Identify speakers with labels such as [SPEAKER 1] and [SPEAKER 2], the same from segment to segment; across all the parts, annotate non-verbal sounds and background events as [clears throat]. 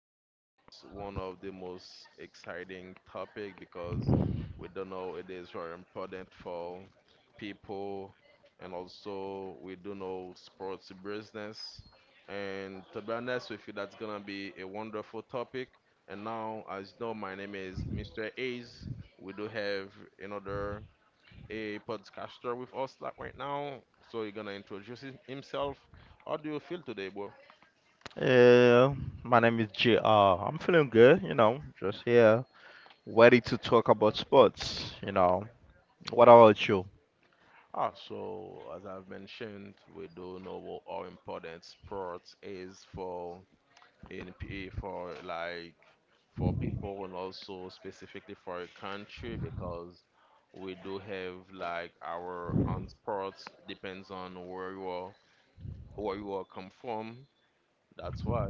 [SPEAKER 1] sports, one of the most exciting topic because we don't know it is very important for people and also we do know sports business. And to be honest with you, that's gonna be a wonderful topic. And now, as you know, my name is Mr. Ace. We do have another a podcaster with us like right now. So he's gonna introduce himself. How do you feel today, bro?
[SPEAKER 2] Yeah, my name is JR. I'm feeling good, you know, just here, ready to talk about sports, you know. What about you?
[SPEAKER 1] So as I've mentioned, we do know what how important sports is for NPA for like for people and also specifically for a country because we do have like our own sports depends on where you are come from. That's why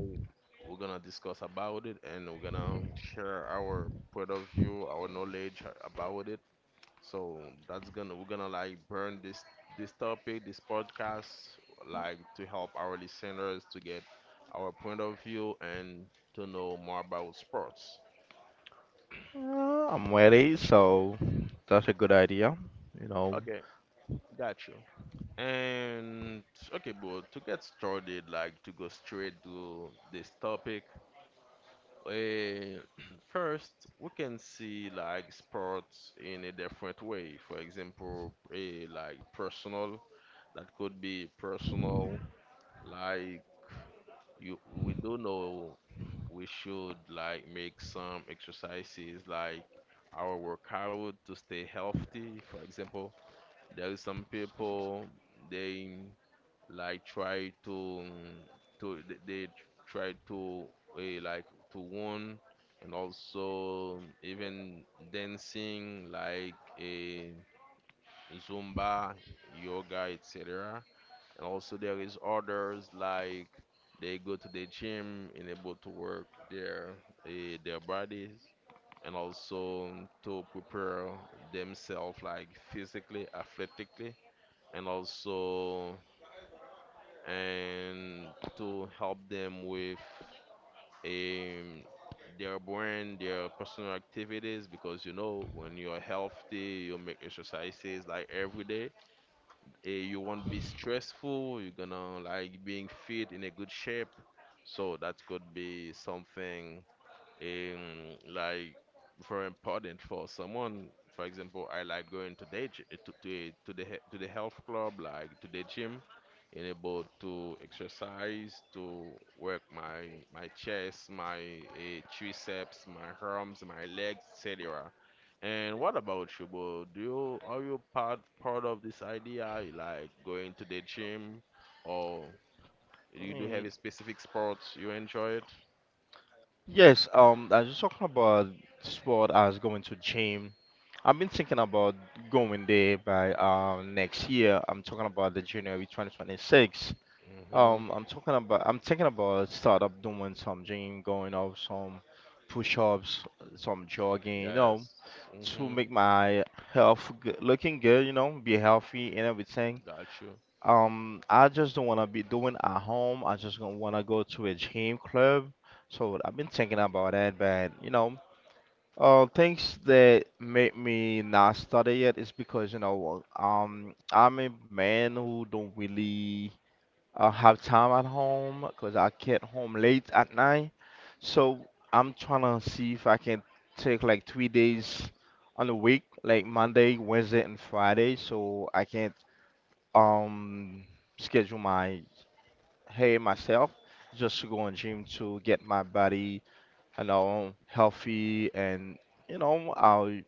[SPEAKER 1] we're gonna discuss about it and we're gonna share our point of view, our knowledge about it. So that's gonna we're gonna like burn this this topic, this podcast, like to help our listeners to get our point of view and to know more about sports.
[SPEAKER 2] I'm ready, so that's a good idea, you know.
[SPEAKER 1] Okay, got you. And okay, bro, to get started, like to go straight to this topic, Uh, [clears throat] first, we can see like sports in a different way. For example, like personal, that could be personal. Like you, we do know [clears throat] we should like make some exercises like our workout to stay healthy. For example, there is some people they like try to they try to like to won and also even dancing like a zumba, yoga, etc. And also there is others like they go to the gym and able to work their their bodies and also to prepare themselves like physically athletically and also and to help them with um, their brain, their personal activities. Because you know, when you're healthy, you make exercises like every day. You won't be stressful. You're gonna like being fit in a good shape. So that could be something like very important for someone. For example, I like going to the health club, like to the gym, and able to exercise, to work my chest, my triceps, my arms, my legs, etc. And what about you, bro? Do you are you part of this idea, like going to the gym, or you do have
[SPEAKER 2] Mm,
[SPEAKER 1] a specific sports you enjoy it?
[SPEAKER 2] yes, I was talking about sport as going to gym. I've been thinking about going there by next year. I'm talking about the January 2026.
[SPEAKER 1] Mm-hmm.
[SPEAKER 2] I'm talking about I'm thinking about start up doing some gym, going out some push-ups, some jogging, you know,
[SPEAKER 1] Yes.
[SPEAKER 2] to
[SPEAKER 1] Mm-hmm.
[SPEAKER 2] make my health g looking good, you know, be healthy and everything.
[SPEAKER 1] Got you.
[SPEAKER 2] I just don't wanna be doing at home. I just gonna wanna go to a gym club. So I've been thinking about that, but you know, things that make me not study yet is because you know, I'm a man who don't really I have time at home because I get home late at night. So I'm trying to see if I can take like 3 days on the week, like Monday, Wednesday, and Friday, so I can um schedule my hey myself just to go in gym to get my body, you know, healthy and you know, our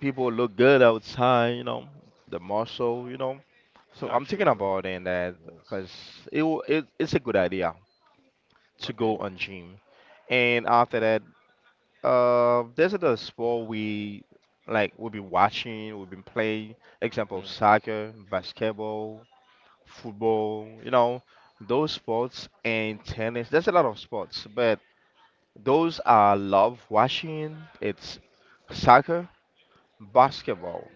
[SPEAKER 2] people look good outside, you know, the muscle, you know. So I'm
[SPEAKER 1] Got you,
[SPEAKER 2] thinking
[SPEAKER 1] sir.
[SPEAKER 2] about it and that
[SPEAKER 1] Yes.
[SPEAKER 2] because it's a good idea to go
[SPEAKER 1] Okay.
[SPEAKER 2] on gym. And after that, there's other sport we like we've been watching, we've been playing. Example,
[SPEAKER 1] Mm-hmm.
[SPEAKER 2] soccer, basketball, football. You know, those sports and tennis. There's a lot of sports, but those I love watching. It's soccer, basketball.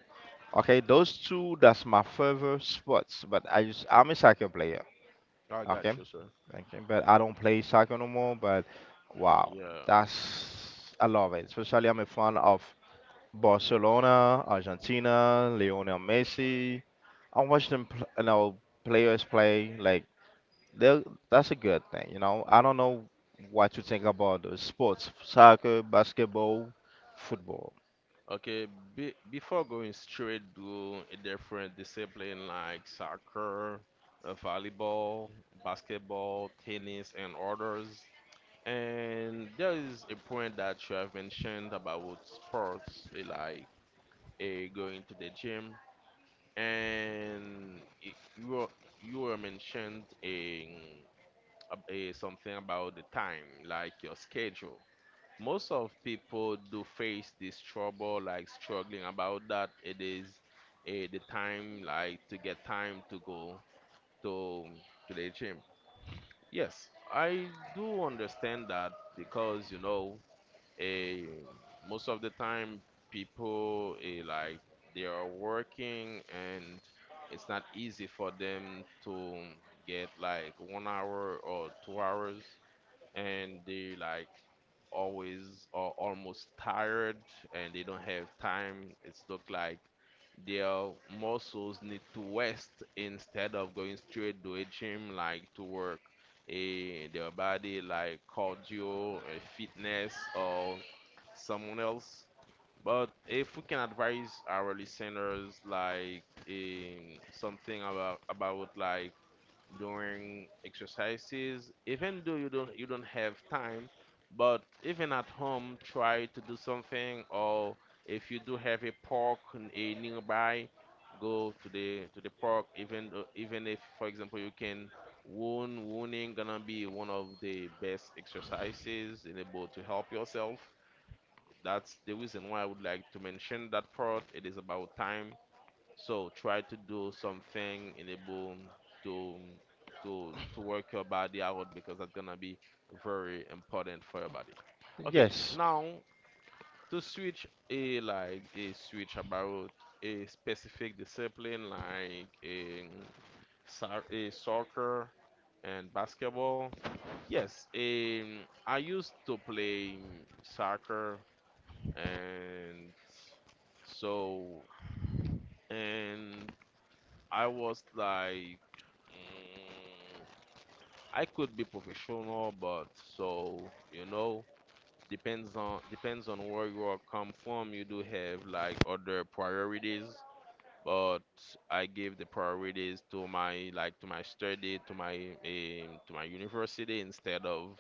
[SPEAKER 2] Okay, those two. That's my favorite sports. But I'm a soccer player.
[SPEAKER 1] I
[SPEAKER 2] Okay.
[SPEAKER 1] got you, sir.
[SPEAKER 2] Okay. But I don't play soccer no more. But wow,
[SPEAKER 1] Yeah.
[SPEAKER 2] that's I love it. Especially I'm a fan of Barcelona, Argentina, Lionel Messi. I watch them, you know, players play. Like they that's a good thing. You know, I don't know what you think about the sports, soccer, basketball, football.
[SPEAKER 1] Okay. Be before going straight to a different discipline like soccer, volleyball, basketball, tennis, and others, and there is a point that you have mentioned about sports, going to the gym, and it, you were mentioned in uh, something about the time, like your schedule. Most of people do face this trouble, like struggling about that. It is the time, like to get time to go to to the gym. Yes, I do understand that because you know, eh, most of the time people like they are working and it's not easy for them to get like 1 hour or 2 hours and they like always are almost tired and they don't have time. It's look like their muscles need to rest instead of going straight to a gym like to work a their body like cardio, fitness or someone else. But if we can advise our listeners like something about like during exercises even though you don't have time but even at home try to do something or if you do have a park n- a nearby, go to the park even though, even if for example you can wound wounding gonna be one of the best exercises in able to help yourself. That's the reason why I would like to mention that part. It is about time, so try to do something in enable to to work your body out because that's gonna be very important for your body. Okay,
[SPEAKER 2] Yes.
[SPEAKER 1] now to switch a like a switch about a specific discipline like a soccer and basketball. Yes, I used to play soccer and so and I was like Mm, I could be professional, but so you know, depends on where you are come from. You do have like other priorities, but I give the priorities to my study, to my university instead of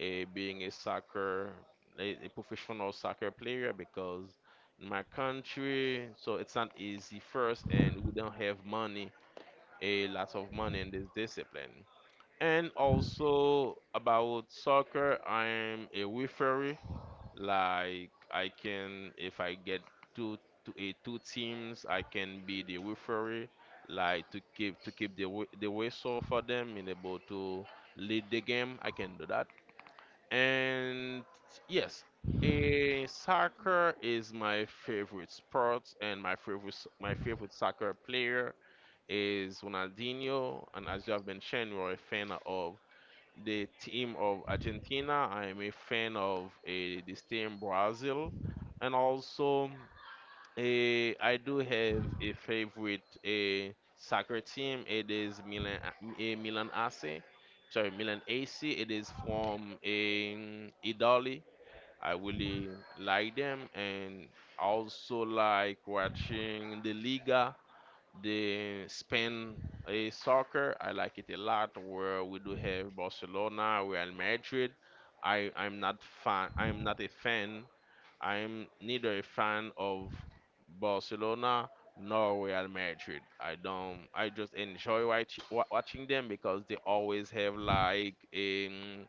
[SPEAKER 1] being a professional soccer player because in my country, so it's not easy first, and we don't have money, a lot of money in this discipline. And also about soccer, I'm a referee. Like I can, if I get two to a two teams, I can be the referee, like to keep the whistle for them and able to lead the game. I can do that. And yes, a soccer is my favorite sport, and my favorite soccer player is Ronaldinho. And as you have been sharing, you're a fan of the team of Argentina. I'm a fan of this team Brazil, and also I do have a favorite soccer team. It is Milan AC. Sorry, Milan AC. It is from Italy. I really like them, and also like watching the Liga. The Spain soccer, I like it a lot. Where we do have Barcelona, Real Madrid. I I'm not fan. I'm not a fan. I'm neither a fan of Barcelona nor Real Madrid. I don't. I just enjoy watching them because they always have like a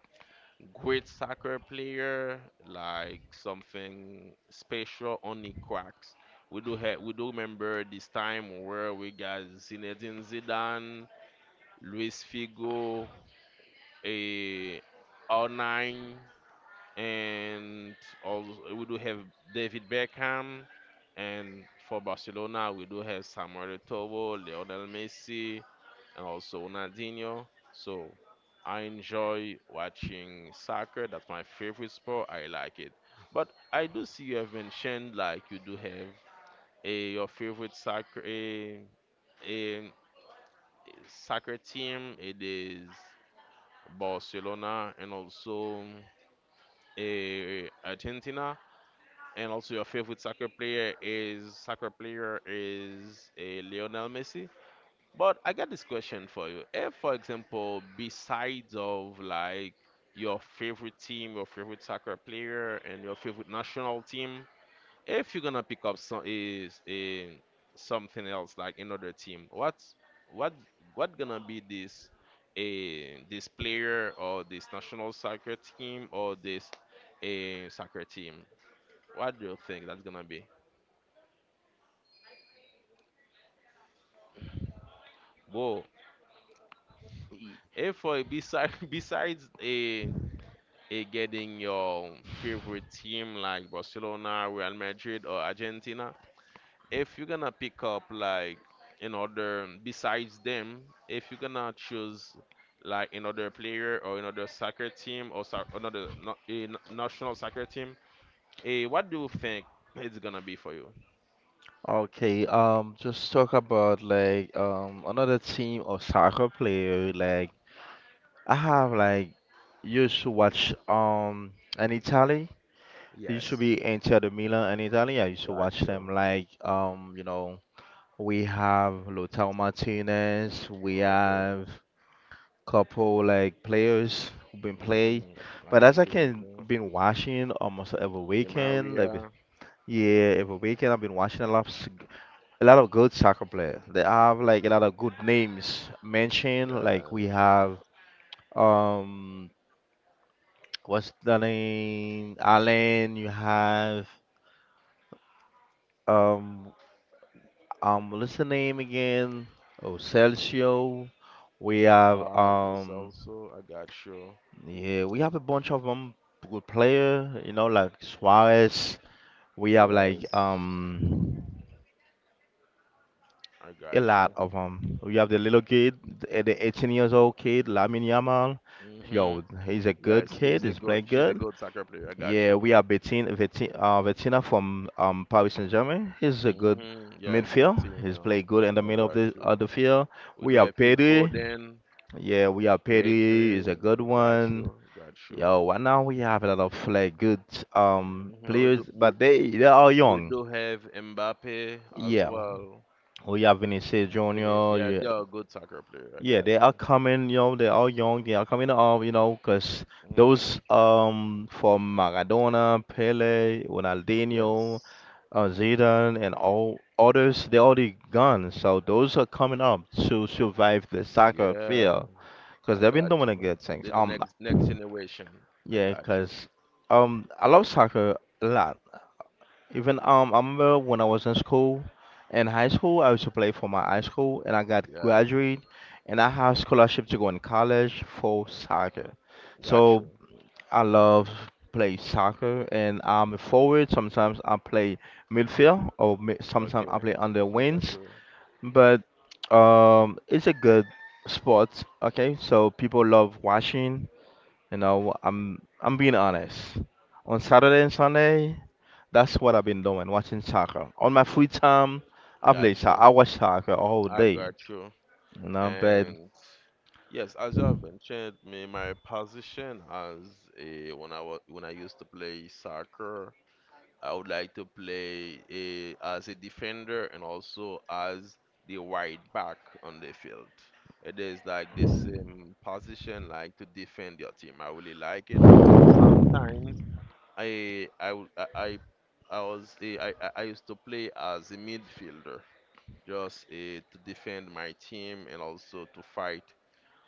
[SPEAKER 1] great soccer player, like something special, only cracks. We do remember this time where we got Zinedine Zidane, Luis Figo, eh, R9, and also we do have David Beckham, and for Barcelona we do have Samuel Eto'o, Lionel Messi, and also Ronaldinho. So I enjoy watching soccer. That's my favorite sport. I like it. But I do see you have mentioned like you do have a your favorite soccer a soccer team. It is Barcelona and also a Argentina. And also, your favorite soccer player is a Lionel Messi. But I got this question for you. If, for example, besides of like your favorite team, your favorite soccer player, and your favorite national team, if you're gonna pick up some is a something else like another team, what what gonna be this a this player or this national soccer team or this a soccer team? What do you think that's gonna be? Whoa. If for besides [laughs] besides a getting your favorite team like Barcelona, Real Madrid, or Argentina, if you're gonna pick up like another besides them, if you're gonna choose like another player or another soccer team or so, another no, a n- national soccer team, what do you think it's gonna be for you?
[SPEAKER 2] Okay, just talk about like another team of soccer player like I have like used to watch in Italy. There used to
[SPEAKER 1] Yes,
[SPEAKER 2] be Inter de Milan in Italy. I used to
[SPEAKER 1] got
[SPEAKER 2] watch
[SPEAKER 1] you.
[SPEAKER 2] them like you know we have Lautaro Martinez, we
[SPEAKER 1] Okay.
[SPEAKER 2] have couple like players who've been play.
[SPEAKER 1] Hmm.
[SPEAKER 2] But as I
[SPEAKER 1] Argentinian
[SPEAKER 2] can
[SPEAKER 1] player.
[SPEAKER 2] been watching almost every
[SPEAKER 1] Di
[SPEAKER 2] weekend, every
[SPEAKER 1] Maria.
[SPEAKER 2] yeah every weekend I've been watching a lot of good soccer players. They have like a lot of good names mentioned. Like
[SPEAKER 1] Yeah.
[SPEAKER 2] we have. Um, What's the name? Alan, you have um what's the name again? Oh, Celcio. We have
[SPEAKER 1] Lo Celso. I got you.
[SPEAKER 2] yeah, we have a bunch of good player, you know, like Suarez. We have like
[SPEAKER 1] Yes. I
[SPEAKER 2] a
[SPEAKER 1] got
[SPEAKER 2] lot
[SPEAKER 1] you.
[SPEAKER 2] of them. We have the little kid, the 18 years old kid, Lamine Yamal.
[SPEAKER 1] Mhm.
[SPEAKER 2] Yo, he's a good
[SPEAKER 1] Yes, she's
[SPEAKER 2] kid.
[SPEAKER 1] a
[SPEAKER 2] He's
[SPEAKER 1] good.
[SPEAKER 2] playing
[SPEAKER 1] She's a
[SPEAKER 2] good.
[SPEAKER 1] good soccer player. I got
[SPEAKER 2] Yeah,
[SPEAKER 1] you.
[SPEAKER 2] we have Bettina from Paris Saint-Germain. He's a good
[SPEAKER 1] Mhm. Yes,
[SPEAKER 2] midfield. He's
[SPEAKER 1] Vitinho.
[SPEAKER 2] played good in the
[SPEAKER 1] I
[SPEAKER 2] middle
[SPEAKER 1] got you.
[SPEAKER 2] of the field.
[SPEAKER 1] We
[SPEAKER 2] We
[SPEAKER 1] do
[SPEAKER 2] have
[SPEAKER 1] have Phil
[SPEAKER 2] Pedri.
[SPEAKER 1] Foden,
[SPEAKER 2] Yeah, we have Pedri.
[SPEAKER 1] Pedri.
[SPEAKER 2] Is a good
[SPEAKER 1] I got you.
[SPEAKER 2] one.
[SPEAKER 1] Got you.
[SPEAKER 2] Yo, right now we have a lot of like good
[SPEAKER 1] Mhm.
[SPEAKER 2] players, but they are
[SPEAKER 1] We
[SPEAKER 2] young.
[SPEAKER 1] do have Mbappe as
[SPEAKER 2] Yeah,
[SPEAKER 1] well.
[SPEAKER 2] we have Vinicius
[SPEAKER 1] Vinicius.
[SPEAKER 2] Junior.
[SPEAKER 1] Yeah,
[SPEAKER 2] Yeah,
[SPEAKER 1] you're a good soccer player. I
[SPEAKER 2] yeah,
[SPEAKER 1] got
[SPEAKER 2] they
[SPEAKER 1] you.
[SPEAKER 2] are coming. You know, they are young. They are coming up. You know, cause
[SPEAKER 1] Mhm.
[SPEAKER 2] those from Maradona, Pele, Ronaldinho,
[SPEAKER 1] Yes.
[SPEAKER 2] Zidane and all others, they already gone. So those are coming up to survive the soccer
[SPEAKER 1] Yeah.
[SPEAKER 2] field because
[SPEAKER 1] I
[SPEAKER 2] they've been
[SPEAKER 1] got
[SPEAKER 2] doing a
[SPEAKER 1] you.
[SPEAKER 2] good things.
[SPEAKER 1] They the next generation. I
[SPEAKER 2] Yeah,
[SPEAKER 1] got you.
[SPEAKER 2] because I love soccer a lot. Even I remember when I was in school, in high school, I used to play for my high school, and I got
[SPEAKER 1] Yeah,
[SPEAKER 2] graduated, and I have scholarship to go in college for soccer.
[SPEAKER 1] got
[SPEAKER 2] So
[SPEAKER 1] you.
[SPEAKER 2] I love play soccer, and I'm a forward. Sometimes I play midfield, or sometimes
[SPEAKER 1] Okay,
[SPEAKER 2] I play on the
[SPEAKER 1] I got
[SPEAKER 2] wings.
[SPEAKER 1] you.
[SPEAKER 2] But it's a good sport. Okay, so people love watching. You know, I'm being honest. On Saturday and Sunday, that's what I've been doing, watching soccer. On my free time, I play
[SPEAKER 1] Got
[SPEAKER 2] soccer.
[SPEAKER 1] you.
[SPEAKER 2] I watch soccer all
[SPEAKER 1] I
[SPEAKER 2] day.
[SPEAKER 1] got you.
[SPEAKER 2] You know, but
[SPEAKER 1] And yes, as you have mentioned, me my position as a when I used to play soccer, I would like to play as a defender and also as the wide back on the field. It is like the same position, like to defend your team. I really like it. Sometimes I I w- I I- I was I used to play as a midfielder, just to defend my team and also to fight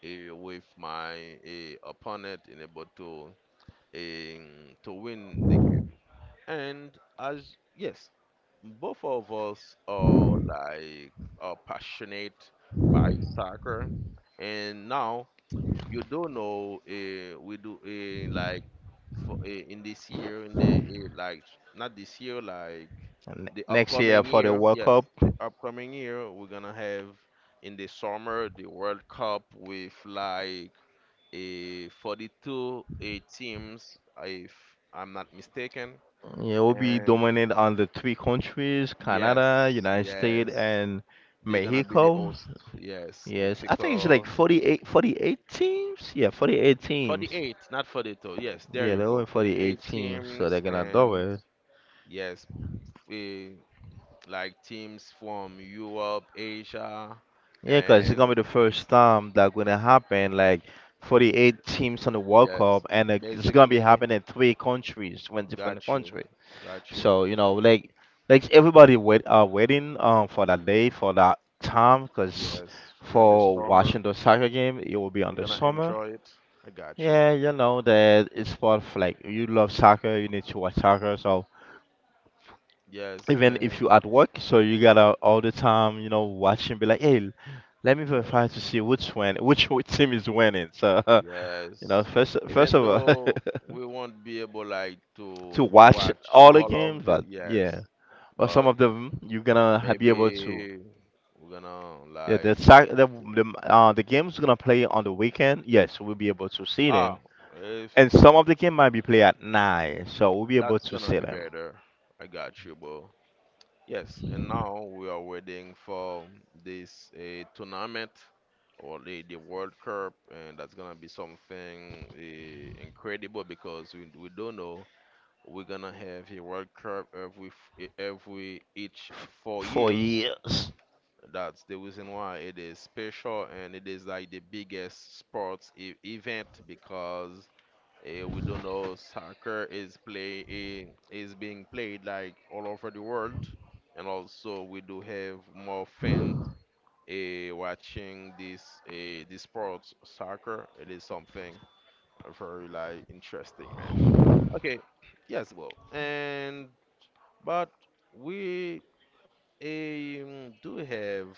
[SPEAKER 1] with my opponent in able um, to win the game. And as yes, both of us are like are passionate by soccer, and now you do know we do like for, in this year in the like not this year like
[SPEAKER 2] n-
[SPEAKER 1] the
[SPEAKER 2] next year
[SPEAKER 1] upcoming
[SPEAKER 2] for the
[SPEAKER 1] year,
[SPEAKER 2] World
[SPEAKER 1] yes,
[SPEAKER 2] Cup.
[SPEAKER 1] the upcoming year we're gonna have in the summer the World Cup with like 42 teams, if I'm not mistaken.
[SPEAKER 2] Yeah, it will be
[SPEAKER 1] And
[SPEAKER 2] dominant on the three countries, Canada,
[SPEAKER 1] yes,
[SPEAKER 2] United States,
[SPEAKER 1] yes,
[SPEAKER 2] and
[SPEAKER 1] they're gonna be the
[SPEAKER 2] Mexico.
[SPEAKER 1] host. Yes,
[SPEAKER 2] Yes, I think it's like
[SPEAKER 1] Mexico.
[SPEAKER 2] 48 teams. Yeah, 48 teams.
[SPEAKER 1] 48, not 42. Yes, there
[SPEAKER 2] Yeah,
[SPEAKER 1] you
[SPEAKER 2] they're only
[SPEAKER 1] go.
[SPEAKER 2] 48
[SPEAKER 1] 48
[SPEAKER 2] teams, so they're
[SPEAKER 1] teams,
[SPEAKER 2] gonna do
[SPEAKER 1] and
[SPEAKER 2] it.
[SPEAKER 1] yes, eh, like teams from Europe, Asia,
[SPEAKER 2] Yeah, 'cause it's
[SPEAKER 1] and
[SPEAKER 2] gonna be the first time that gonna happen, like 48 teams on the World
[SPEAKER 1] yes,
[SPEAKER 2] Cup, and it's gonna be
[SPEAKER 1] basically,
[SPEAKER 2] happening in three countries, when different
[SPEAKER 1] got you,
[SPEAKER 2] countries.
[SPEAKER 1] got you.
[SPEAKER 2] So you know, like everybody wait are waiting for that day for that time because
[SPEAKER 1] Yes, during the
[SPEAKER 2] for
[SPEAKER 1] summer,
[SPEAKER 2] watching the soccer game it will be on
[SPEAKER 1] we're
[SPEAKER 2] the
[SPEAKER 1] gonna
[SPEAKER 2] summer.
[SPEAKER 1] enjoy it. I got you.
[SPEAKER 2] Yeah, you know that it's for like you love soccer, you need to watch soccer. So
[SPEAKER 1] Yes,
[SPEAKER 2] even if you
[SPEAKER 1] and
[SPEAKER 2] at work, so you gotta all the time, you know, watching, be like, hey, let me verify to
[SPEAKER 1] yes,
[SPEAKER 2] see which win, [laughs] team is winning. So [laughs]
[SPEAKER 1] yes.
[SPEAKER 2] you know, first
[SPEAKER 1] Even
[SPEAKER 2] of all,
[SPEAKER 1] though we won't be able like
[SPEAKER 2] [laughs]
[SPEAKER 1] to
[SPEAKER 2] to watch
[SPEAKER 1] watch
[SPEAKER 2] all the
[SPEAKER 1] all
[SPEAKER 2] games,
[SPEAKER 1] of the
[SPEAKER 2] but yeah,
[SPEAKER 1] yes,
[SPEAKER 2] but some
[SPEAKER 1] but
[SPEAKER 2] of them you're gonna be able to.
[SPEAKER 1] maybe we're gonna
[SPEAKER 2] Yeah, the
[SPEAKER 1] like
[SPEAKER 2] sac- the the uh the game's gonna play on the weekend. Yes, we'll be able to see
[SPEAKER 1] ah,
[SPEAKER 2] them,
[SPEAKER 1] if
[SPEAKER 2] and some of the game might be played at nine, so we'll be able
[SPEAKER 1] that's
[SPEAKER 2] to
[SPEAKER 1] gonna
[SPEAKER 2] see
[SPEAKER 1] be
[SPEAKER 2] them.
[SPEAKER 1] better. I got you, bro. Yes, and now we are waiting for this tournament or the World Cup, and that's gonna be something incredible because we don't know we're gonna have a World Cup every f- e- every each
[SPEAKER 2] f-
[SPEAKER 1] four
[SPEAKER 2] for
[SPEAKER 1] years.
[SPEAKER 2] years. [laughs]
[SPEAKER 1] That's the reason why it is special, and it is like the biggest sports e event because we don't know soccer is is being played like all over the world, and also we do have more fans watching this this sports soccer. It is something very like interesting, man. Okay, yes, well, and but we do have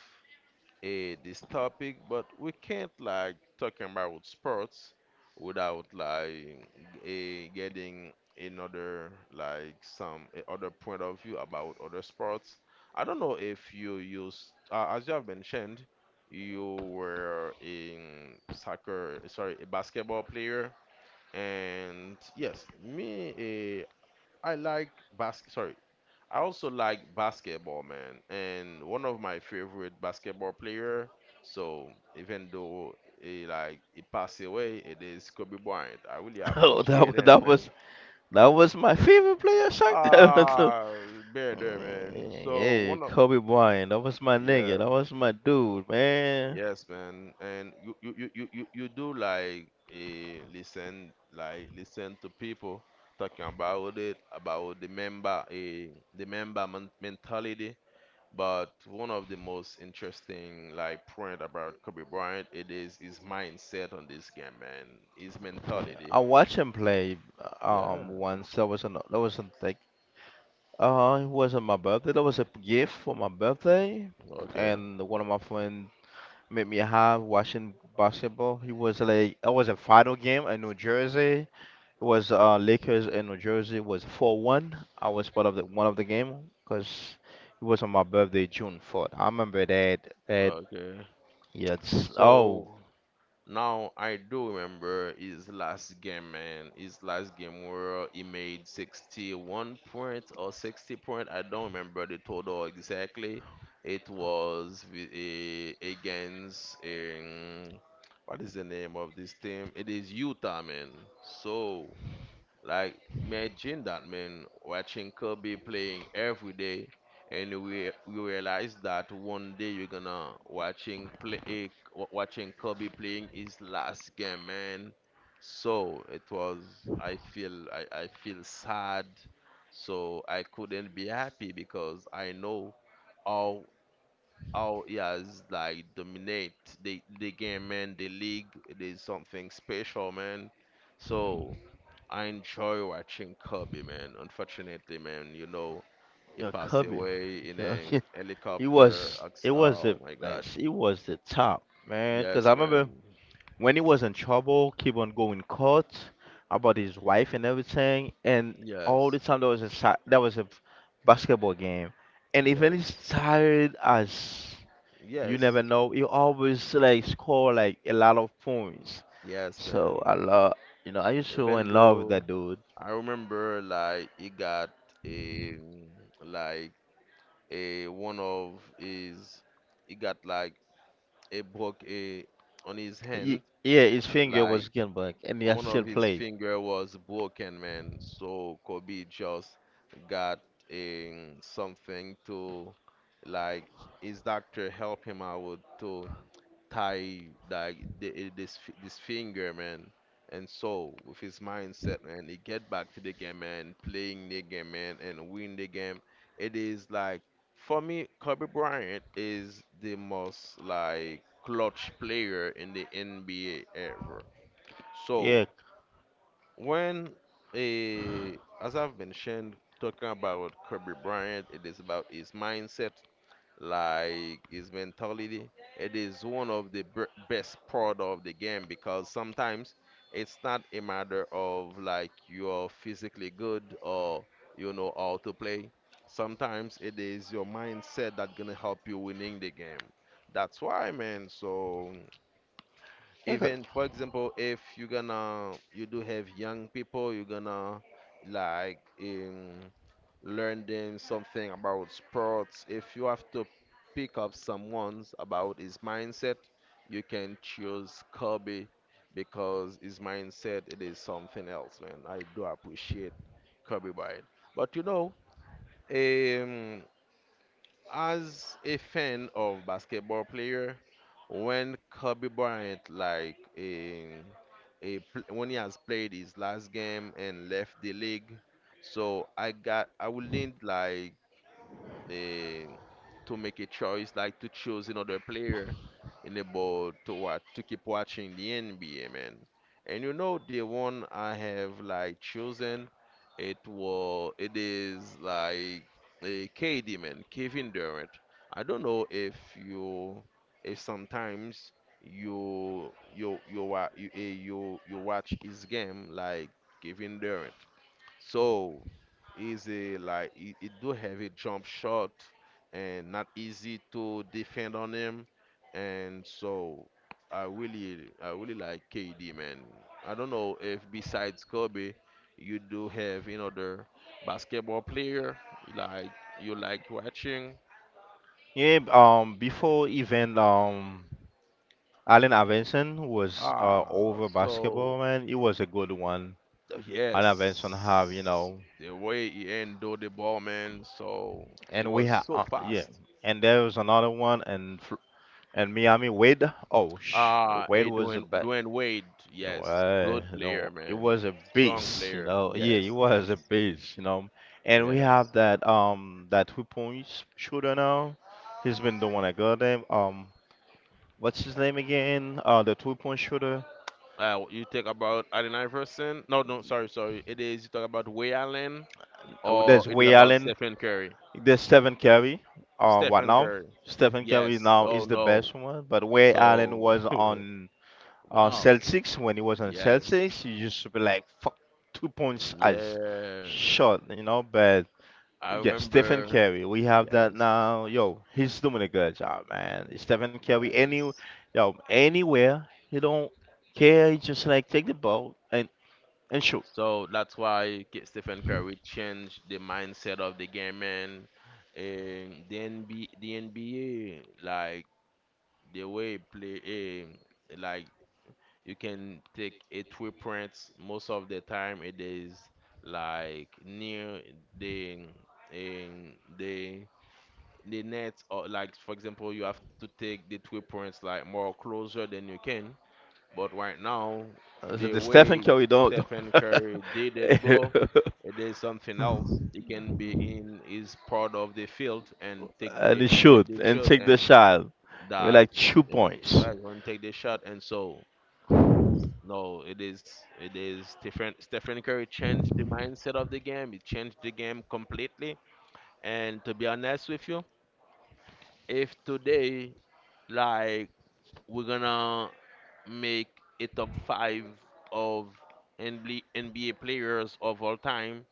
[SPEAKER 1] this topic, but we can't like talking about sports without like getting another like some other point of view about other sports. I don't know if you used as you have mentioned, you were in soccer, sorry, a basketball player, and yes, me, I like basket. Sorry. I also like basketball, man, and one of my favorite basketball player. So even though he passed away, it is Kobe Bryant. I really
[SPEAKER 2] Oh,
[SPEAKER 1] appreciate him, man.
[SPEAKER 2] that was my favorite player, Shaq.
[SPEAKER 1] Ah, bear there, man.
[SPEAKER 2] [laughs]
[SPEAKER 1] So
[SPEAKER 2] Yeah,
[SPEAKER 1] one of
[SPEAKER 2] Kobe Bryant. That was my
[SPEAKER 1] yeah,
[SPEAKER 2] nigga. That was my dude, man.
[SPEAKER 1] yes, man. And you do like listen to people talking about it, about the member eh, the member men- mentality. But one of the most interesting like point about Kobe Bryant, it is his mindset on this game, man. His mentality.
[SPEAKER 2] I watched him play
[SPEAKER 1] Yeah.
[SPEAKER 2] once. That was an that was like It wasn't my birthday. That was a gift for my birthday,
[SPEAKER 1] Okay.
[SPEAKER 2] and one of my friends made me have watching basketball. He was like it was a final game in New Jersey. It was Lakers in New Jersey was 4-1. I was part of the one of the game because it was on my birthday, June 4th. I remember that that
[SPEAKER 1] Okay.
[SPEAKER 2] yeah it's, oh
[SPEAKER 1] So, now I do remember his last game, man. His last game where he made 61 point or 60 point. I don't remember the total exactly. It was with a, against what is the name of this team? It is Utah, man. So like imagine that, man, watching Kobe playing every day, and we you realize that one day you're gonna watching Kobe playing his last game, man. So it was I feel sad. So I couldn't be happy because I know how how he has like dominate the game, man. The league, there's something special, man. So. I enjoy watching Kobe, man. Unfortunately, man, you know, he
[SPEAKER 2] yeah
[SPEAKER 1] passed
[SPEAKER 2] Kobe
[SPEAKER 1] away in
[SPEAKER 2] yeah.
[SPEAKER 1] a
[SPEAKER 2] [laughs] He
[SPEAKER 1] helicopter.
[SPEAKER 2] was it was
[SPEAKER 1] Oh
[SPEAKER 2] the
[SPEAKER 1] my God.
[SPEAKER 2] best. It was the top man because I
[SPEAKER 1] Yes, man.
[SPEAKER 2] remember when he was in trouble, keep on going court about his wife and everything, and all the
[SPEAKER 1] Yes.
[SPEAKER 2] time there was a basketball game, and even he's
[SPEAKER 1] Yes.
[SPEAKER 2] tired as you
[SPEAKER 1] Yes.
[SPEAKER 2] never know, he always like score like a lot of points.
[SPEAKER 1] Yes, man.
[SPEAKER 2] So I love, you know, I used to
[SPEAKER 1] Even
[SPEAKER 2] in love with
[SPEAKER 1] though
[SPEAKER 2] that dude.
[SPEAKER 1] I remember, like, he got a like a one of his, he got like a broke a on his
[SPEAKER 2] Ye-
[SPEAKER 1] hand,
[SPEAKER 2] yeah, his finger
[SPEAKER 1] like
[SPEAKER 2] was getting back, and he
[SPEAKER 1] one
[SPEAKER 2] still
[SPEAKER 1] of his
[SPEAKER 2] played.
[SPEAKER 1] finger was broken, man. So Kobe just got something to like his doctor help him out to tie like the, eh, this fi- this finger, man. And so with his mindset, man, he get back to the game, man, playing the game, man, and win the game. It is like for me, Kobe Bryant is the most like clutch player in the NBA ever. So
[SPEAKER 2] Yeah,
[SPEAKER 1] when as I've mentioned, talking about Kobe Bryant, it is about his mindset, like his mentality. It is one of the best part of the game because sometimes it's not a matter of like you're physically good or you know how to play. Sometimes it is your mindset that gonna help you winning the game. That's why, man. So
[SPEAKER 2] yeah, 'cause.
[SPEAKER 1] even for example, if you're gonna you do have young people, you're gonna like learn them something about sports. If you have to pick up someone's about his mindset, you can choose Kobe because his mindset it is something else, man. I do appreciate Kobe Bryant, but you know, um, as a fan of basketball player, when Kobe Bryant when he has played his last game and left the league, so I will need like eh, to make a choice, like to choose another player in the ball to watch, to keep watching the NBA, man. And you know the one I have like chosen, it was it is like a KD, man, Kevin Durant. I don't know if you, if sometimes you you you wa- you eh, you watch his game like Kevin Durant. So easy, like it do have a jump shot and not easy to defend on him. And so I really like KD, man. I don't know if besides Kobe, you do have another basketball player like you like watching.
[SPEAKER 2] Yeah. Before even Allen Iverson was
[SPEAKER 1] Ah,
[SPEAKER 2] over basketball,
[SPEAKER 1] so
[SPEAKER 2] man. It was a good one. Allen Iverson have, you
[SPEAKER 1] yes,
[SPEAKER 2] know,
[SPEAKER 1] the way he handled the ball, man. So it
[SPEAKER 2] and we
[SPEAKER 1] was
[SPEAKER 2] have,
[SPEAKER 1] so
[SPEAKER 2] yeah.
[SPEAKER 1] fast.
[SPEAKER 2] And there was another one, and Miami Wade. Oh, sh Wade
[SPEAKER 1] A
[SPEAKER 2] was a
[SPEAKER 1] Dwayne
[SPEAKER 2] bad.
[SPEAKER 1] Dwayne Wade, yes, good player,
[SPEAKER 2] No, it
[SPEAKER 1] man,
[SPEAKER 2] was a
[SPEAKER 1] strong
[SPEAKER 2] beast, you
[SPEAKER 1] player,
[SPEAKER 2] know. Yeah, it
[SPEAKER 1] yes,
[SPEAKER 2] was a
[SPEAKER 1] yes,
[SPEAKER 2] beast, you know. And we
[SPEAKER 1] yes.
[SPEAKER 2] have that 2 points shooter now. He's been doing a good name. What's his name again? The 2 point shooter.
[SPEAKER 1] You talk about Allen Iverson? No, no, sorry, sorry. It is, you talk about Ray Allen,
[SPEAKER 2] Oh,
[SPEAKER 1] or
[SPEAKER 2] that's
[SPEAKER 1] it is
[SPEAKER 2] Ray
[SPEAKER 1] about
[SPEAKER 2] Allen.
[SPEAKER 1] Stephen Curry.
[SPEAKER 2] There's Stephen Curry. What
[SPEAKER 1] Stephen
[SPEAKER 2] now?
[SPEAKER 1] Curry,
[SPEAKER 2] Stephen Curry
[SPEAKER 1] yes.
[SPEAKER 2] now
[SPEAKER 1] Oh
[SPEAKER 2] is the best
[SPEAKER 1] no.
[SPEAKER 2] one. But where Allen
[SPEAKER 1] So,
[SPEAKER 2] was on
[SPEAKER 1] [laughs] wow,
[SPEAKER 2] Celtics. When he was on Celtics,
[SPEAKER 1] yes,
[SPEAKER 2] he used to be like fuck, 2 points as
[SPEAKER 1] yeah.
[SPEAKER 2] shot, you know. But
[SPEAKER 1] I
[SPEAKER 2] yeah, Stephen
[SPEAKER 1] remember,
[SPEAKER 2] Curry, we have that
[SPEAKER 1] yes,
[SPEAKER 2] now. Yo, he's doing a good job, man. Stephen Curry, any,
[SPEAKER 1] yes.
[SPEAKER 2] yo, anywhere, he don't care. He just like take the ball and shoot.
[SPEAKER 1] So that's why Stephen Curry changed the mindset of the game and the NBA, like the way play, like you can take a 3 points most of the time. It is like near the um, the the net, or like for example, you have to take the 3 points like more closer than you can, but right now,
[SPEAKER 2] So
[SPEAKER 1] the
[SPEAKER 2] the Stephen
[SPEAKER 1] way
[SPEAKER 2] Curry don't.
[SPEAKER 1] Stephen
[SPEAKER 2] Don't.
[SPEAKER 1] Curry did it, bro,
[SPEAKER 2] [laughs]
[SPEAKER 1] it is something else. He can be in his part of the field and take
[SPEAKER 2] And
[SPEAKER 1] the,
[SPEAKER 2] he
[SPEAKER 1] and get
[SPEAKER 2] shoot
[SPEAKER 1] the
[SPEAKER 2] and
[SPEAKER 1] shot
[SPEAKER 2] take the
[SPEAKER 1] and
[SPEAKER 2] shot. We be
[SPEAKER 1] that
[SPEAKER 2] like two
[SPEAKER 1] and
[SPEAKER 2] points.
[SPEAKER 1] well, and take the shot. And so, no, it is Stephen Curry changed the mindset of the game. He changed the game completely. And to be honest with you, if today like we're gonna make a top five of NB NBA players of all time.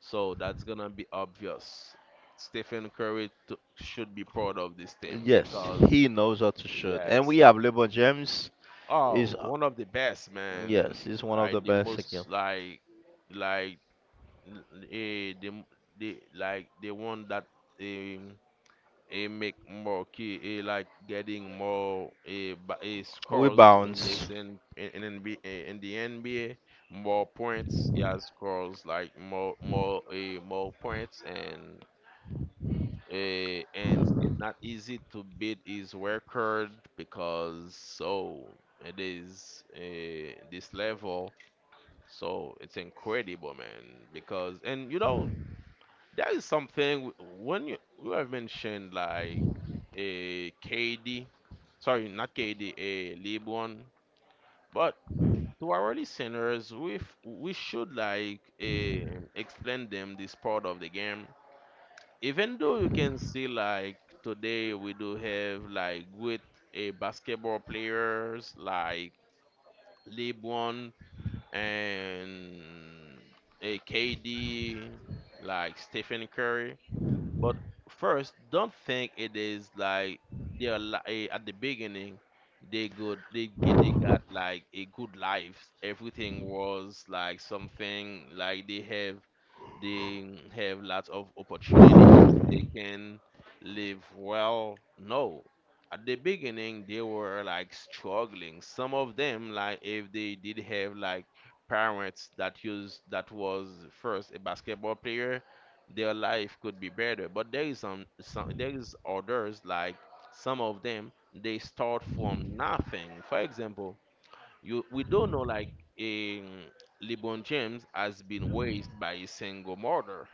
[SPEAKER 1] So that's gonna be obvious. Stephen Curry should be proud of this team
[SPEAKER 2] Yes,
[SPEAKER 1] because
[SPEAKER 2] he knows how to shoot. And
[SPEAKER 1] yes,
[SPEAKER 2] we have LeBron James. Is,
[SPEAKER 1] oh, one of the best, man.
[SPEAKER 2] yes, he's one of
[SPEAKER 1] I
[SPEAKER 2] the
[SPEAKER 1] the
[SPEAKER 2] best again.
[SPEAKER 1] most like eh, the like the one that. Um, it make more key it like getting more
[SPEAKER 2] We
[SPEAKER 1] scores in
[SPEAKER 2] bounce.
[SPEAKER 1] this in the NBA, more points he has scores like more points, and and it's not easy to beat his record because so it is this level. So it's incredible, man, because, and you know that is something when you have mentioned like a KD, sorry, not KD, a Lebron, but to our listeners, we should like explain them this part of the game. Even though you can see like today we do have like good a basketball players like LeBron and a KD, like Stephen Curry, but first, don't think it is like at the beginning they they got like a good life. Everything was like something like they have lots of opportunities. They can live well. No. At the beginning, they were like struggling. Some of them, like if they did have like parents that used that was first a basketball player, their life could be better. But there is some there is others like some of them, they start from nothing. For example, you we don't know like um, LeBron James has been raised by a single mother,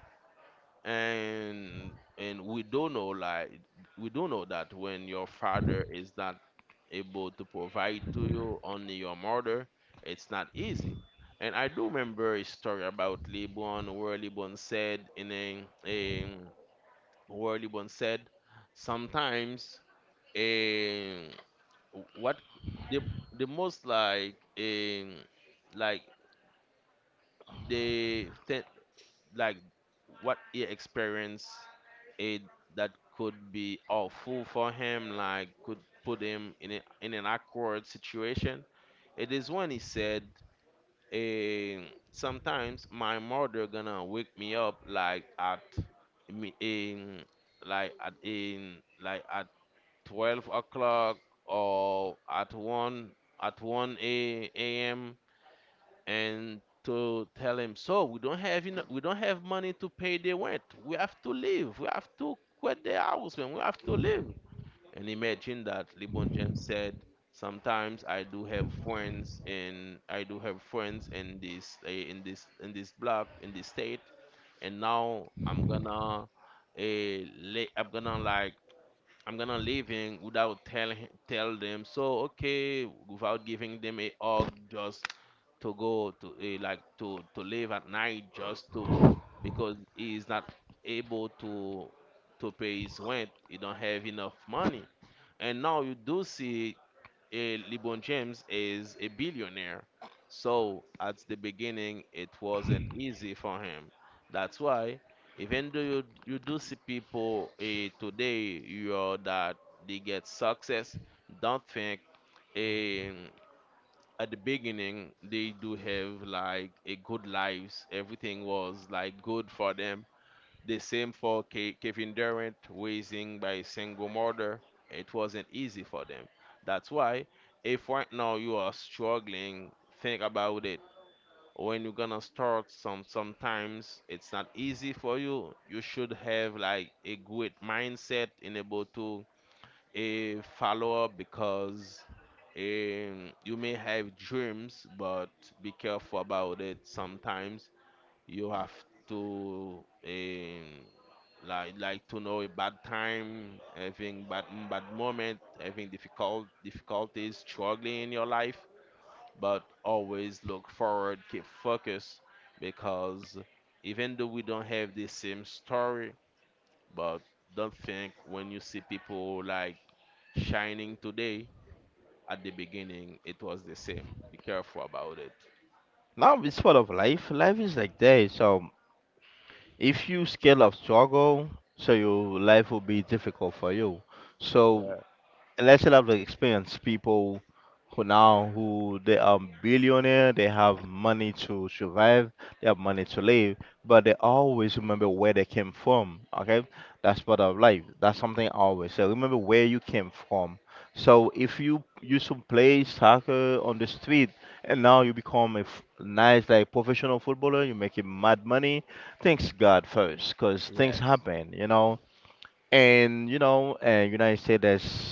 [SPEAKER 1] and and we don't know like we don't know that when your father is not able to provide to you, only your mother, it's not easy. And I do remember a story about Libon where Libon said sometimes a what the the most like a like the like what he experienced it that could be awful for him, like could put him in an awkward situation. It is when he said, eh, sometimes my mother gonna wake me up like at me in like at 12 o'clock or at 1 a.m and to tell him, so we don't have enough, we don't have money to pay the rent, we have to leave, we have to quit the house, man, we have to leave. And imagine that LeBron James said sometimes I do have friends in this in this block, in this state, and now I'm gonna eh, lay, I'm gonna like I'm gonna leaving without tell them. So okay, without giving them a hug, just to go to to live at night, just to because he is not able to pay his rent. He don't have enough money, and now you do see, LeBron James is a billionaire. So at the beginning, it wasn't easy for him. That's why, even though you do see people today, you know, that they get success, don't think eh, at the beginning they do have like a good lives. Everything was like good for them. The same for Kevin Durant, raising by a single mother. It wasn't easy for them. That's why, if right now you are struggling, think about it. When you're gonna start, sometimes it's not easy for you. You should have like a good mindset in able to a follow up because you may have dreams, but be careful about it. Sometimes you have to like to know a bad time, having bad moment, having difficulties, struggling in your life, but always look forward, keep focused, because even though we don't have the same story, but don't think when you see people like shining today, at the beginning it was the same. Be careful about it.
[SPEAKER 2] Now it's part of life. Life is like that. So if you scale up struggle, so your life will be difficult for you. So
[SPEAKER 1] Yeah.
[SPEAKER 2] let's have the experience people who now who they are billionaire, they have money to survive, they have money to live, but they always remember where they came from. Okay, that's part of life. That's something I always say. Remember where you came from. So if you used to play soccer on the street and now you become a nice like professional footballer, you make making mad money. Thanks God first, cause things
[SPEAKER 1] Yes.
[SPEAKER 2] happen. You know, and you know, United States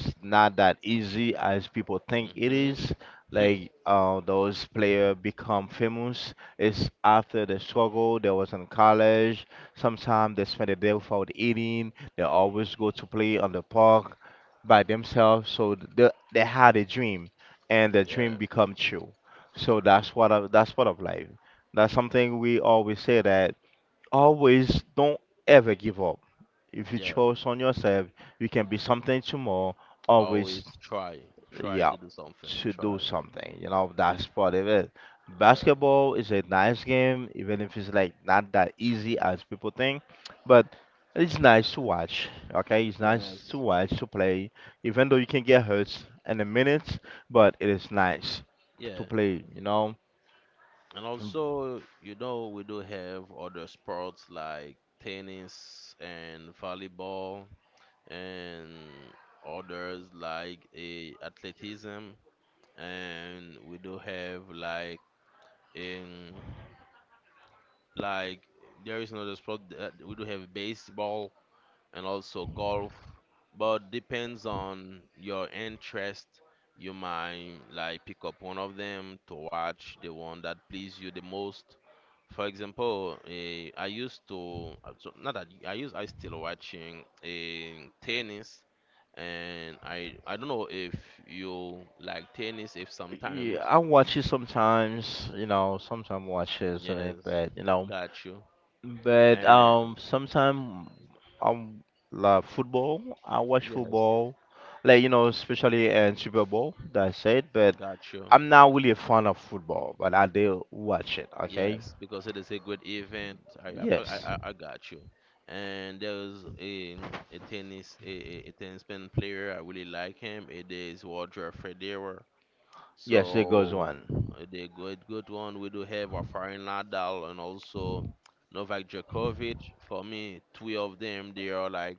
[SPEAKER 2] is not that easy as people think it
[SPEAKER 1] Mhm.
[SPEAKER 2] is.
[SPEAKER 1] Hmm.
[SPEAKER 2] Like those players become famous. It's after the struggle. They was in college. Sometimes they spend a day without eating. They always go to play on the park by themselves. So they had a dream, and the
[SPEAKER 1] [laughs] Yeah.
[SPEAKER 2] dream become true. So that's part of life. That's something we always say that always don't ever give up if you
[SPEAKER 1] Yeah.
[SPEAKER 2] chose on yourself, you can be something tomorrow. Always,
[SPEAKER 1] Always try, try
[SPEAKER 2] yeah,
[SPEAKER 1] to do something,
[SPEAKER 2] to do
[SPEAKER 1] try.
[SPEAKER 2] something. You know, that's part of it.
[SPEAKER 1] Yeah,
[SPEAKER 2] Basketball is a nice game, even if it's like not that easy as people think, but it's nice to watch. Okay, it's nice to
[SPEAKER 1] yes,
[SPEAKER 2] watch to play, even though you can get hurt in a minute, but it is nice to
[SPEAKER 1] yeah.
[SPEAKER 2] play. You know,
[SPEAKER 1] And also, we do have other sports like tennis and volleyball, and others like a athleticism. And we do have in like there is another sport that we do have, baseball and also golf, but depends on your interest, you might like pick up one of them to watch the one that please you the most. For example, I used to so not that I still watching tennis. And I don't know if you like tennis, if
[SPEAKER 2] yeah,
[SPEAKER 1] sometimes.
[SPEAKER 2] I watch it sometimes. You know, sometimes watch it, and it,
[SPEAKER 1] Yes,
[SPEAKER 2] but you know.
[SPEAKER 1] got you.
[SPEAKER 2] But
[SPEAKER 1] And
[SPEAKER 2] sometimes um, like football, I watch
[SPEAKER 1] yes,
[SPEAKER 2] football, like you know, especially in Super Bowl. That's it. But
[SPEAKER 1] got you.
[SPEAKER 2] I'm not really a fan of football, but I do watch it. Okay.
[SPEAKER 1] Yes, because it is a good event. I I I,
[SPEAKER 2] Yes.
[SPEAKER 1] I I got you. And there's a tennis pen player. I really like him. It is Roger Federer.
[SPEAKER 2] Yes, there goes
[SPEAKER 1] So
[SPEAKER 2] one.
[SPEAKER 1] the good one, we do have Rafael Nadal and also Novak Djokovic. For me, three of them they are like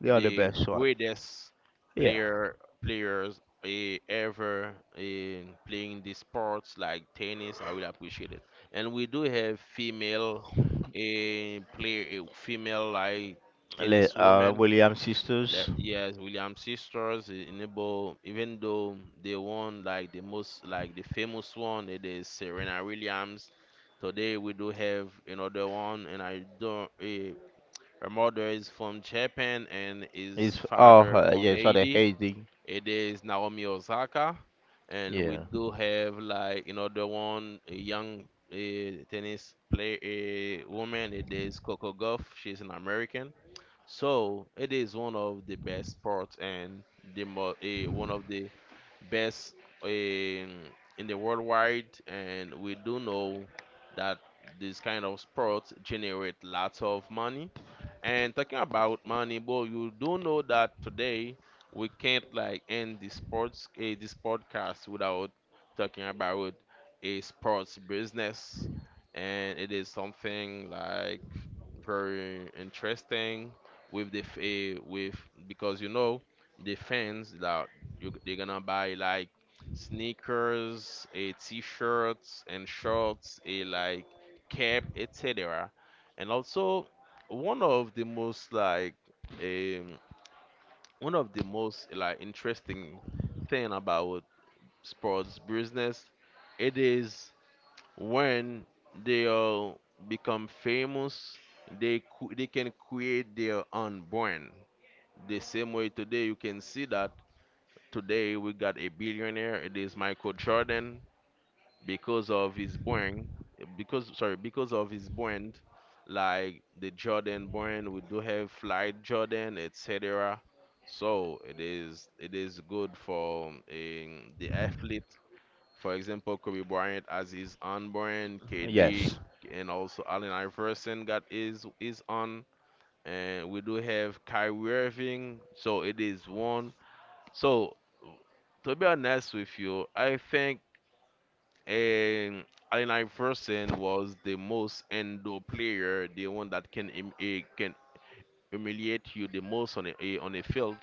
[SPEAKER 2] They are the
[SPEAKER 1] the
[SPEAKER 2] best one.
[SPEAKER 1] greatest
[SPEAKER 2] Yeah.
[SPEAKER 1] player players ever in playing the sports like tennis. I will appreciate it. And we do have female, a player, a female like
[SPEAKER 2] Le,
[SPEAKER 1] tennis woman.
[SPEAKER 2] William sisters
[SPEAKER 1] Yes, Williams sisters, enable even though they won like the most, like the famous one, it is Serena Williams. Today we do have another one, and I don't her mother is from Japan and his
[SPEAKER 2] is oh
[SPEAKER 1] father from
[SPEAKER 2] yes, are the
[SPEAKER 1] Haiti.
[SPEAKER 2] Haiti.
[SPEAKER 1] It is Naomi Osaka. And we
[SPEAKER 2] Yeah.
[SPEAKER 1] do have like another one, a young tennis player, a woman. It is Coco Gauff. She's an American. So it is one of the best sports, and one of the best in, in the worldwide. And we do know that this kind of sports generate lots of money. And talking about money, boy, you do know that today, we can't like end this podcast without talking about a sports business, and it is something like very interesting with the f- eh, with because you know the fans that you they're gonna buy like sneakers, a t-shirts and shorts, a like cap, etc. And also one of the most like um one of the most like interesting thing about sports business, it is when they all become famous, they can create their own brand. The same way today, you can see that today we got a billionaire. It is Michael Jordan because of his brand, because of his brand, like the Jordan brand. We do have Flight Jordan, etc. So it is good for the athlete. For example, Kobe Bryant has his own brand, KD,
[SPEAKER 2] Yes.
[SPEAKER 1] and also Allen Iverson got his own, and we do have Kyrie Irving. So it is one. So to be honest with you, I think, and Allen Iverson was the most endo player, the one that can can humiliate you the most on a field.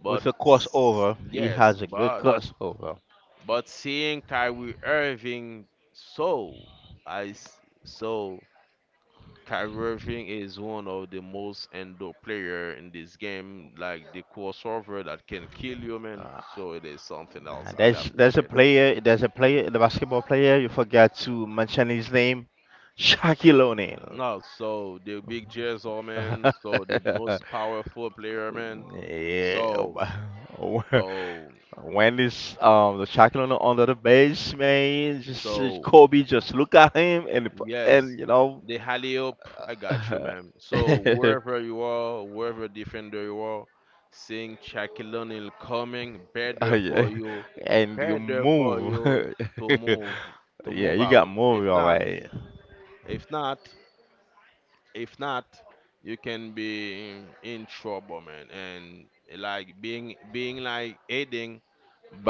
[SPEAKER 1] But
[SPEAKER 2] With a crossover, he
[SPEAKER 1] yes,
[SPEAKER 2] has a good
[SPEAKER 1] but
[SPEAKER 2] crossover.
[SPEAKER 1] but seeing Kyrie Irving, so so Kyrie Irving is one of the most endo player in this game, like the crossover that can kill you, man.
[SPEAKER 2] Uh,
[SPEAKER 1] So it is something
[SPEAKER 2] Nah,
[SPEAKER 1] else. I really appreciate it.
[SPEAKER 2] there's a player, the basketball player. You forgot to mention his name, Shaquille O'Neal.
[SPEAKER 1] No, so the big Jezzo man, so the most
[SPEAKER 2] [laughs]
[SPEAKER 1] powerful player, man.
[SPEAKER 2] Yeah,
[SPEAKER 1] So no,
[SPEAKER 2] [laughs] when this the Shaquille O'Neal under the base, man? Just
[SPEAKER 1] so
[SPEAKER 2] Kobe, just look at him and
[SPEAKER 1] yes,
[SPEAKER 2] you know,
[SPEAKER 1] the Halley-oop, I
[SPEAKER 2] [laughs]
[SPEAKER 1] got you,
[SPEAKER 2] uh,
[SPEAKER 1] man. So wherever you are, wherever defender you are, seeing Shaquille O'Neal coming,
[SPEAKER 2] yeah, and you
[SPEAKER 1] better for
[SPEAKER 2] move.
[SPEAKER 1] you
[SPEAKER 2] [laughs]
[SPEAKER 1] to move, to
[SPEAKER 2] Yeah,
[SPEAKER 1] move
[SPEAKER 2] you got
[SPEAKER 1] out. If
[SPEAKER 2] move, all
[SPEAKER 1] not,
[SPEAKER 2] right.
[SPEAKER 1] if not. If not, you can be in trouble, man. And like being like aiding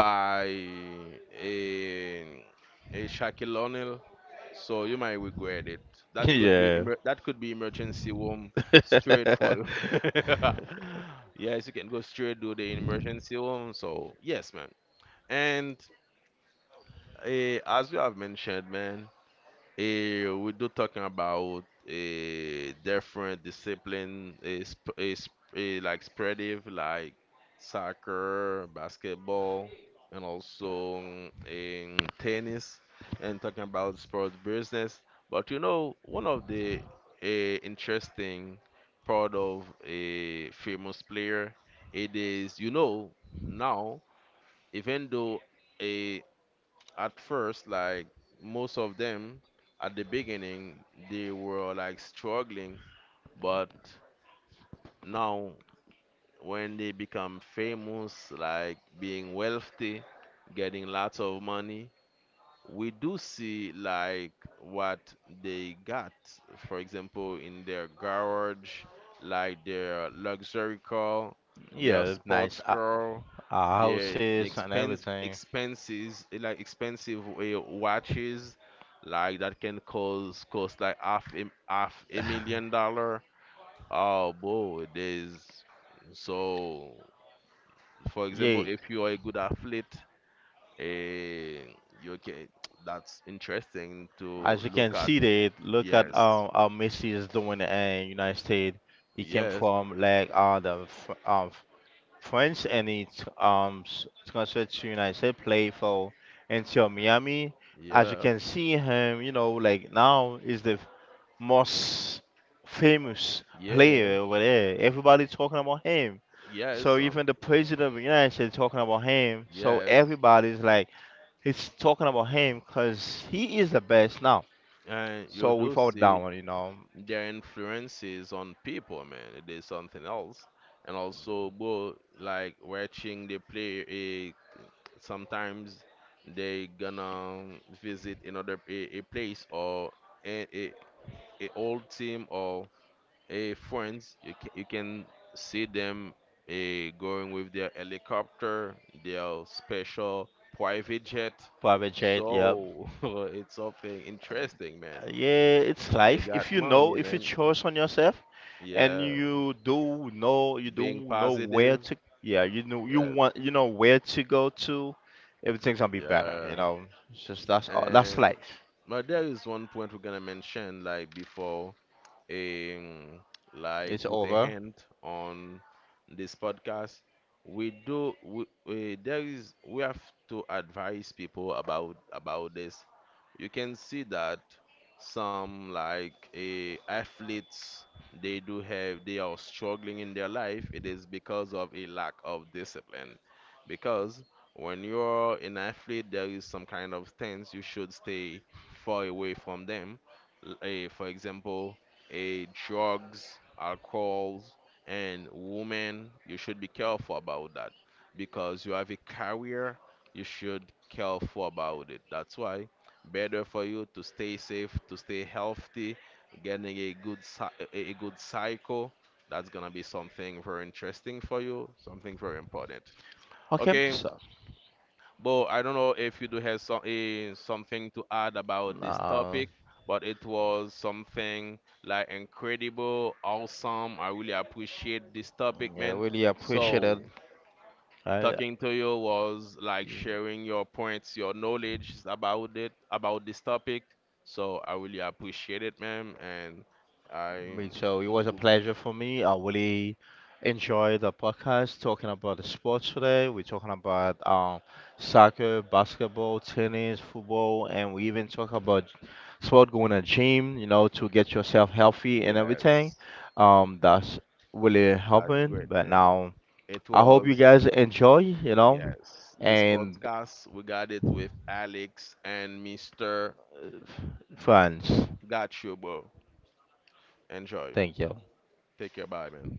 [SPEAKER 1] by a Shaquille, so you might regret it.
[SPEAKER 2] [laughs]
[SPEAKER 1] That could be
[SPEAKER 2] Yeah.
[SPEAKER 1] emergency room straight for you. [laughs]
[SPEAKER 2] [laughs]
[SPEAKER 1] Yes, you can go straight to the emergency room. So yes, man. And as you have mentioned, man, we do talking about a different discipline, like spreading, like soccer, basketball, and also in tennis, and talking about sports business. But one of the interesting part of a famous player, it is, now, even though a at first, like most of them at the beginning, they were like struggling, but now when they become famous, like being wealthy, getting lots of money, we do see like what they got, for example in their garage, like their luxury car, their
[SPEAKER 2] Yeah, nice
[SPEAKER 1] sports car, their the
[SPEAKER 2] houses and
[SPEAKER 1] expense
[SPEAKER 2] everything.
[SPEAKER 1] expenses like expensive watches, like that can cause cost like half a million dollar. Oh boy, there's, so for example,
[SPEAKER 2] Yeah,
[SPEAKER 1] if you are a good athlete, Eh, you can, that's interesting to
[SPEAKER 2] as you can
[SPEAKER 1] look at.
[SPEAKER 2] see there, look at
[SPEAKER 1] Yes,
[SPEAKER 2] how Messi is doing in United States. He came
[SPEAKER 1] yes,
[SPEAKER 2] from like France and he transferred to United States, play for until Miami. As you
[SPEAKER 1] yeah,
[SPEAKER 2] can see him, you know, like now is the most famous
[SPEAKER 1] yeah,
[SPEAKER 2] player over there. Everybody talking about him. So
[SPEAKER 1] yes,
[SPEAKER 2] even the president of the United States talking about him. So
[SPEAKER 1] yes.
[SPEAKER 2] everybody's like he's talking about him because he is the best now.
[SPEAKER 1] And you
[SPEAKER 2] So we
[SPEAKER 1] do
[SPEAKER 2] fall
[SPEAKER 1] see
[SPEAKER 2] down, you know.
[SPEAKER 1] their influences on people, man. It is something else. And also, bro, like watching they play, sometimes they gonna visit another a place, or a, a, a old team, or friends. You can see them going with their helicopter, their special private jet.
[SPEAKER 2] Private jet, yep.
[SPEAKER 1] So [laughs] it's something interesting, man.
[SPEAKER 2] Yeah, it's
[SPEAKER 1] They
[SPEAKER 2] life.
[SPEAKER 1] got
[SPEAKER 2] If you know,
[SPEAKER 1] money,
[SPEAKER 2] if you
[SPEAKER 1] man.
[SPEAKER 2] chose on yourself and
[SPEAKER 1] Yeah,
[SPEAKER 2] you do
[SPEAKER 1] being
[SPEAKER 2] know where
[SPEAKER 1] positive.
[SPEAKER 2] to, yeah, you know, you
[SPEAKER 1] Yes,
[SPEAKER 2] want, you know where to go to, everything's gonna be better, you
[SPEAKER 1] yeah.
[SPEAKER 2] know. It's just that's all, that's
[SPEAKER 1] And
[SPEAKER 2] life.
[SPEAKER 1] but there is one point we're gonna mention, like before um, like
[SPEAKER 2] It's
[SPEAKER 1] put a
[SPEAKER 2] over.
[SPEAKER 1] hand on this podcast, we do we, eh, there is we have to advise people about this. You can see that some like athletes, they do have they are struggling in their life. It is because of a lack of discipline, because when you're an athlete, there is some kind of stance you should stay far away from them. For example, drugs, alcohols, and women, you should be careful about that, because you have a career, you should careful about it. That's why better for you to stay safe, to stay healthy, getting a good cycle. That's gonna be something very interesting for you, something very important.
[SPEAKER 2] Okay,
[SPEAKER 1] Okay,
[SPEAKER 2] so
[SPEAKER 1] Bo, I don't know if you do have something to add about this
[SPEAKER 2] now,
[SPEAKER 1] topic, but it was something like incredible, awesome. I really appreciate this topic,
[SPEAKER 2] yeah,
[SPEAKER 1] man.
[SPEAKER 2] really appreciate it.
[SPEAKER 1] So,
[SPEAKER 2] I,
[SPEAKER 1] talking to you was like sharing your points, your knowledge about it, about this topic. So, I really appreciate it, man. And
[SPEAKER 2] me
[SPEAKER 1] I,
[SPEAKER 2] too. It was a pleasure for me. I really enjoyed the podcast talking about the sports today. We're talking about soccer, basketball, tennis, football, and we even talk about sport going to gym, you know, to get yourself healthy and everything.
[SPEAKER 1] yes,
[SPEAKER 2] That's really
[SPEAKER 1] that's
[SPEAKER 2] helping.
[SPEAKER 1] great,
[SPEAKER 2] But
[SPEAKER 1] man.
[SPEAKER 2] now,
[SPEAKER 1] It
[SPEAKER 2] I hope you
[SPEAKER 1] was.
[SPEAKER 2] guys enjoy, you know,
[SPEAKER 1] Yes, this
[SPEAKER 2] and
[SPEAKER 1] podcast we got it with Alex and Mr.
[SPEAKER 2] friends.
[SPEAKER 1] Gotcha, bro. Enjoy.
[SPEAKER 2] Thank you.
[SPEAKER 1] Take care, bye, man.